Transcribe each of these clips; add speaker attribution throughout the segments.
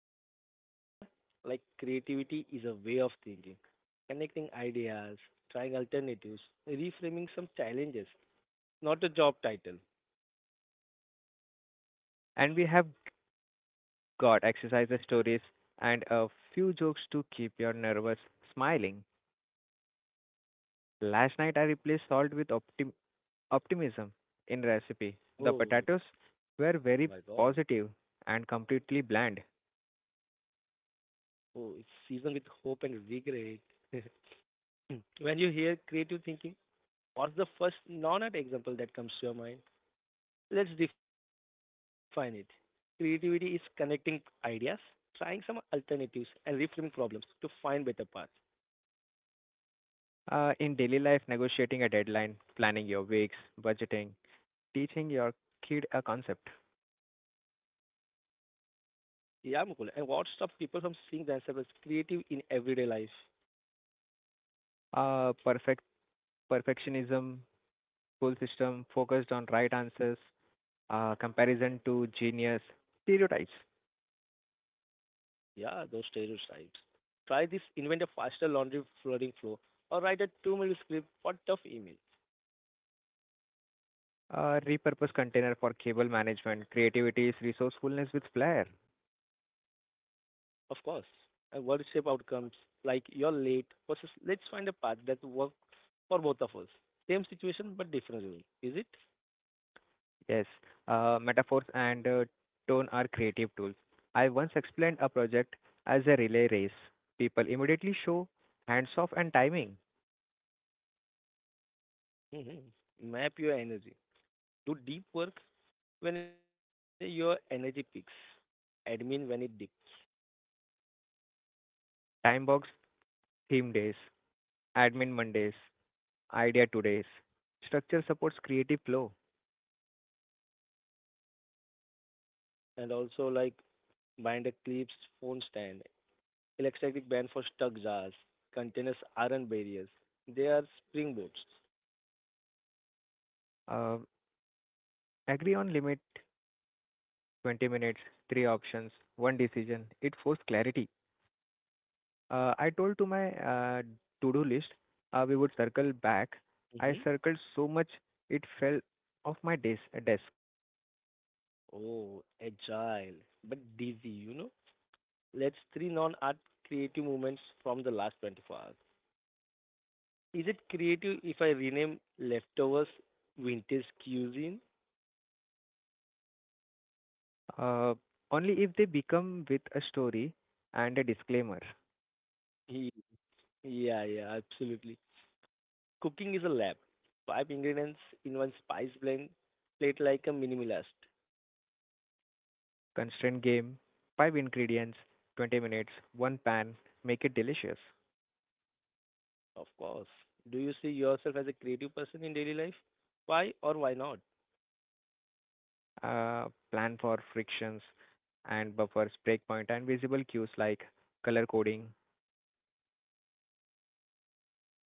Speaker 1: Today's big idea like creativity is a way of thinking, connecting ideas, trying alternatives, reframing some challenges, not a job title.
Speaker 2: And we have got exercises, stories, and a few jokes to keep your nervous smiling. Last night I replaced salt with optimism in recipe. The
Speaker 1: Oh
Speaker 2: potatoes
Speaker 1: my god.
Speaker 2: were very positive and completely bland.
Speaker 1: Oh, it's seasoned with hope and regret. When you hear creative thinking, what's the first non art example that comes to your mind? Let's define it. Creativity is connecting ideas, trying some alternatives, and reframing problems to find better paths.
Speaker 2: In daily life, negotiating a deadline, planning your weeks, budgeting, teaching your kid a concept.
Speaker 1: Yeah, Mukul. And what stops people from seeing themselves as creative in everyday life?
Speaker 2: Uh, perfect perfectionism, school system focused on right answers, comparison to genius, stereotypes.
Speaker 1: Yeah, those stereotypes. Try this, invent a faster laundry folding flow, or write a 2-minute script for tough email.
Speaker 2: Repurpose container for cable management, creativity is resourcefulness with flair.
Speaker 1: Of course. And word shape outcomes like you're late versus let's find a path that works for both of us. Same situation but different rule, is it?
Speaker 2: Yes, metaphors and tone are creative tools. I once explained a project as a relay race. People immediately show hands off and timing.
Speaker 1: Mhm. Map your energy. Do deep work when your energy peaks. Admin when it dips.
Speaker 2: Time box theme days, admin Mondays, idea Tuesdays. Structure supports creative flow.
Speaker 1: And also like binder clips, phone stand, electric band for stuck jars, containers aren't barriers. They are springboards.
Speaker 2: Uh, agree on limit 20 minutes, three options, one decision. It forced clarity. I told to my to-do list, we would circle back. I
Speaker 1: Mm-hmm.
Speaker 2: circled so much it fell off my desk.
Speaker 1: Oh, agile, but dizzy, you know? Let's three non-art creative moments from the last 24 hours. Is it creative if I rename leftovers vintage cuisine?
Speaker 2: Uh, only if they become with a story and a disclaimer.
Speaker 1: Yeah, yeah, absolutely. Cooking is a lab. Five ingredients in one spice blend. Plate like a minimalist,
Speaker 2: Constraint game, five ingredients, 20 minutes, one pan, make it delicious.
Speaker 1: of course. Do you see yourself as a creative person in daily life? Why or why not?
Speaker 2: Plan for frictions and buffers, breakpoint, and visible cues like color coding.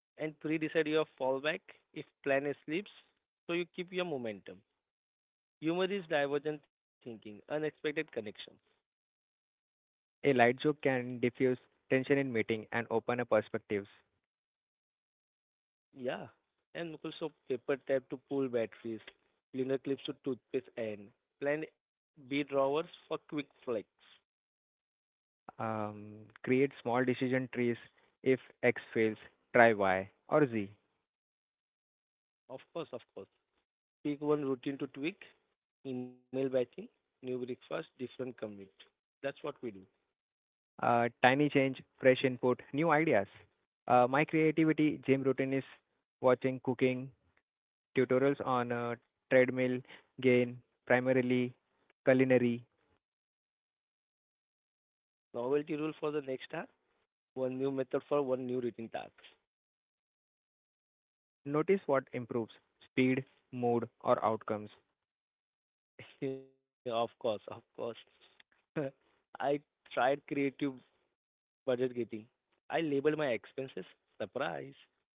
Speaker 1: And pre-decide your fallback if plan A slips, so you keep your momentum. Humor is divergent thinking, unexpected connections.
Speaker 2: A light joke can diffuse tension in meeting and open up perspectives.
Speaker 1: Yeah, and Mukul, so paper tap to pull batteries, linear clips to toothpaste end, plan B drawers for quick flex.
Speaker 2: Create small decision trees. If X fails, try Y or Z.
Speaker 1: Of course, of course. Pick one routine to tweak, email batching, new breakfast, different commute. That's what we do.
Speaker 2: Tiny change, fresh input, new ideas. My creativity gym routine is watching cooking tutorials on treadmill, gain, primarily culinary.
Speaker 1: Novelty rule for the next hour, one new method for one new routine task.
Speaker 2: Notice what improves speed, mood, or outcomes.
Speaker 1: Yeah, of course, of course. I tried creative budget getting. I labeled my expenses. Surprise.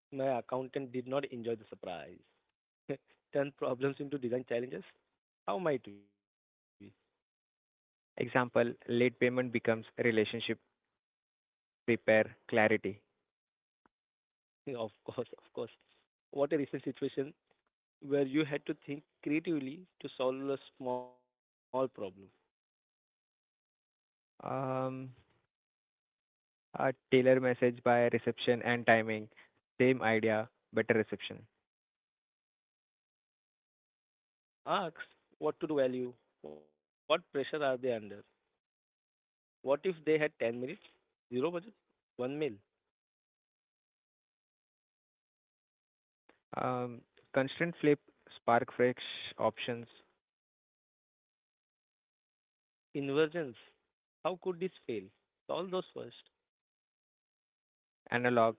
Speaker 1: My accountant did not enjoy the surprise. Turn problems into design challenges. How might we?
Speaker 2: Example, late payment becomes relationship repair clarity.
Speaker 1: Of course, of course. What a recent situation where you had to think creatively to solve a small problem.
Speaker 2: Um, a tailor message by reception and timing, same idea, better reception.
Speaker 1: Ask what to do value, what pressure are they under, what if they had 10 minutes, zero budget, one meal,
Speaker 2: Um, constant flip, spark fresh options,
Speaker 1: inversions, how could this fail? Solve those first.
Speaker 2: analog,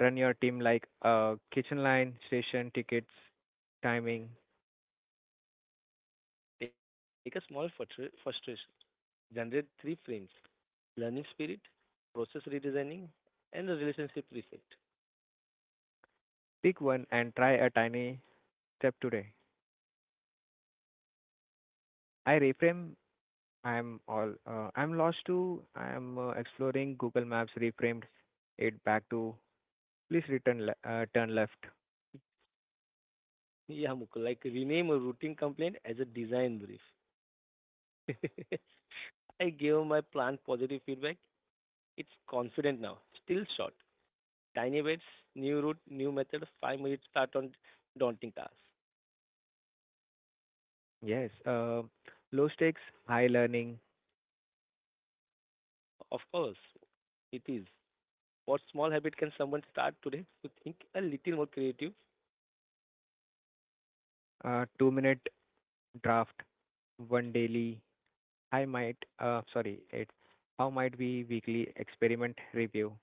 Speaker 2: run your team like a kitchen line, station, tickets, timing.
Speaker 1: Take a small frustration, generate three frames learning spirit, process redesigning, and the relationship reset.
Speaker 2: Pick one and try a tiny step today. I reframe. I'm lost too. I'm exploring Google Maps, reframed it back to please return turn left.
Speaker 1: Yeah, Mukul, like rename a routine complaint as a design brief. I gave my plant positive feedback. It's confident now. Still short. Tiny bits, new route, new method, 5 minutes start on daunting task.
Speaker 2: Yes, low stakes, high learning,
Speaker 1: Of course, it is. What small habit can someone start today to think a little more creative?
Speaker 2: 2-minute draft, one daily. I might, sorry, it. How might we weekly experiment review?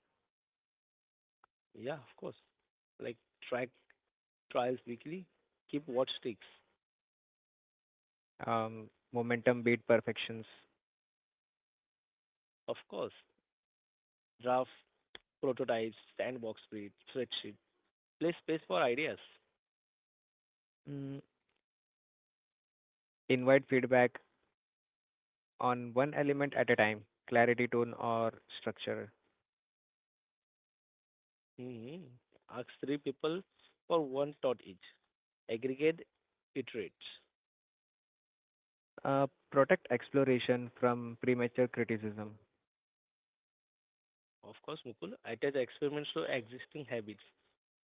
Speaker 1: Yeah, of course. Like track trials weekly, keep what sticks.
Speaker 2: Momentum beat perfections.
Speaker 1: Of course, draft prototypes, sandbox spreadsheet, play space for ideas.
Speaker 2: Mm, Invite feedback on one element at a time. Clarity, tone, or structure.
Speaker 1: hmm Ask three people for one thought each. Aggregate, iterate.
Speaker 2: Protect exploration from premature criticism.
Speaker 1: Of course, Mukul. I attach experiments to existing habits.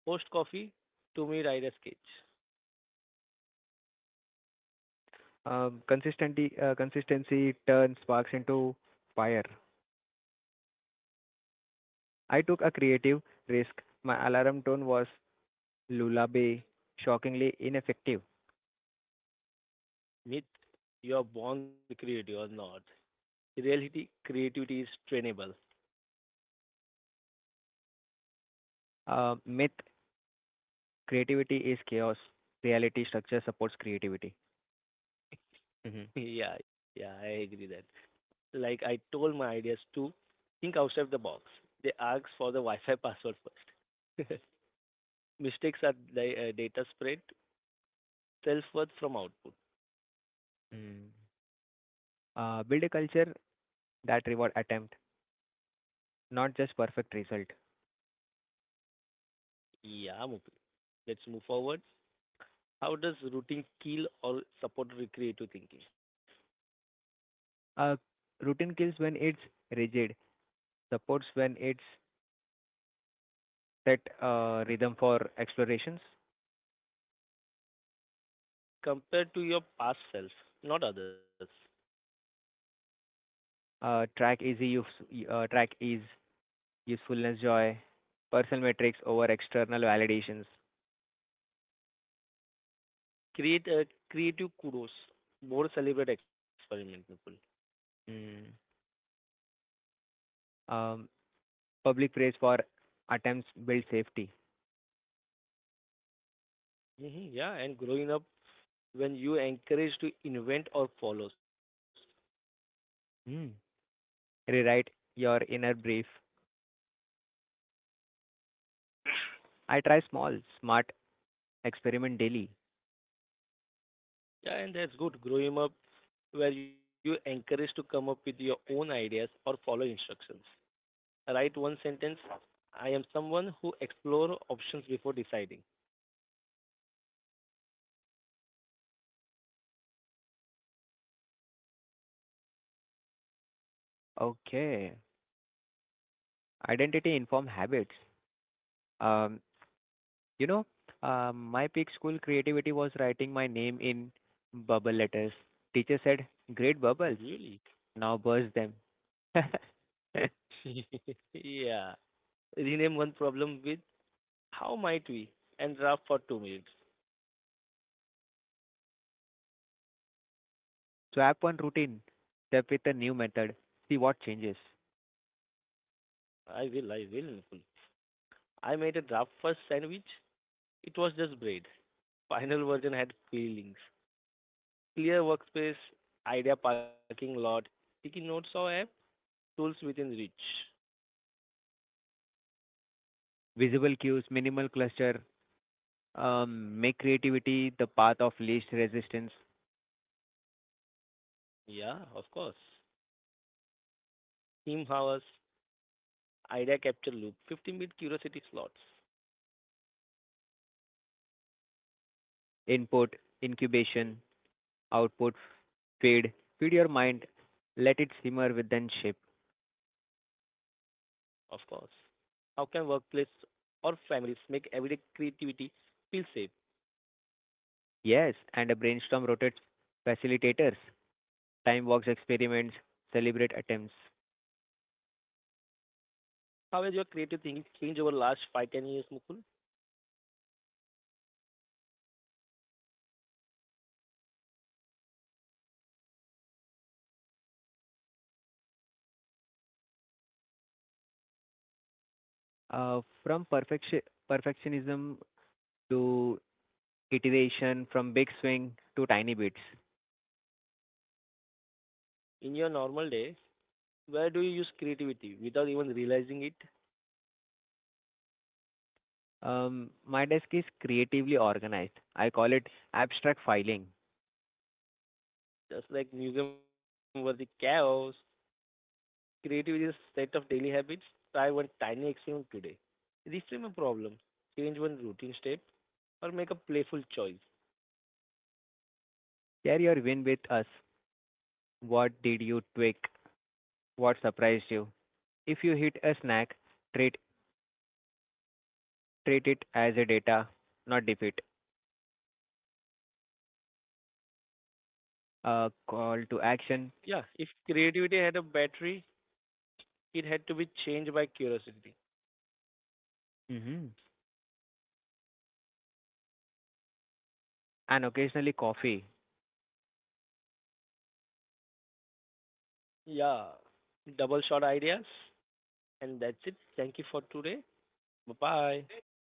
Speaker 1: Post coffee to me write a sketch.
Speaker 2: Consistency turns sparks into fire. I took a creative risk. My alarm tone was lullaby, shockingly ineffective.
Speaker 1: Myth, you're born creative or not. Reality, creativity is trainable.
Speaker 2: Myth: creativity is chaos. Reality structure supports creativity. Mm-hmm.
Speaker 1: Yeah, yeah, I agree that. Like I told my ideas to think outside the box. They ask for the Wi-Fi password first. Mistakes are the data spread, self-worth from output.
Speaker 2: Mm. Build a culture that reward attempt, not just perfect result.
Speaker 1: Yeah, Mukul. Let's move forward. How does routine kill or support recreative thinking?
Speaker 2: Uh, routine kills when it's rigid, supports when it's set a rhythm for explorations.
Speaker 1: Compared to your past self, not others.
Speaker 2: Uh, track easy use, track ease usefulness joy, personal metrics over external validations.
Speaker 1: Create a creative kudos, more celebrate experiment people.
Speaker 2: Mm. Um, public praise for attempts build safety.
Speaker 1: Hmm. Yeah, and growing up when you encourage to invent or follows.
Speaker 2: Mm. Rewrite your inner brief. I try small, smart experiment daily.
Speaker 1: Yeah, and that's good. Growing up where you encourage to come up with your own ideas or follow instructions. Write one sentence. I am someone who explore options before deciding.
Speaker 2: Okay. Identity inform habits. Um, you know, my peak school creativity was writing my name in bubble letters. Teacher said, "Great bubbles."
Speaker 1: Really?
Speaker 2: Now burst them.
Speaker 1: Yeah. Rename one problem with how might we and draft for 2 minutes.
Speaker 2: Swap one routine step with a new method, see what changes.
Speaker 1: I will, I will. I made a draft first sandwich. It was just bread. Final version had feelings. Clear workspace, idea parking lot, sticky notes or app, tools within reach.
Speaker 2: Visible cues, minimal cluster, make creativity the path of least resistance,
Speaker 1: Yeah, of course. Team hours, idea capture loop, 15-minute curiosity slots.
Speaker 2: input, incubation, output, feed. Feed your mind, let it simmer within shape.
Speaker 1: Of course. How can workplace or families make everyday creativity feel safe?
Speaker 2: Yes, and a brainstorm rotates facilitators, time walks experiments, celebrate attempts.
Speaker 1: How has your creative thinking changed over last 5-10 years, Mukul?
Speaker 2: Uh, from perfection, perfectionism to iteration, from big swing to tiny bits.
Speaker 1: In your normal day? Where do you use creativity without even realizing it?
Speaker 2: My desk is creatively organized. I call it abstract filing.
Speaker 1: Just like museum was worthy chaos, creativity is a set of daily habits. Try one tiny experiment today. Reframe a problem, change one routine step, or make a playful choice.
Speaker 2: Share your win with us. What did you tweak? What surprised you? If you hit a snack, treat treat it as a data, not defeat. A call to action.
Speaker 1: Yeah, if creativity had a battery, it had to be changed by curiosity.
Speaker 2: hmm and occasionally coffee.
Speaker 1: Yeah, double shot ideas. And that's it. Thank you for today. Bye bye.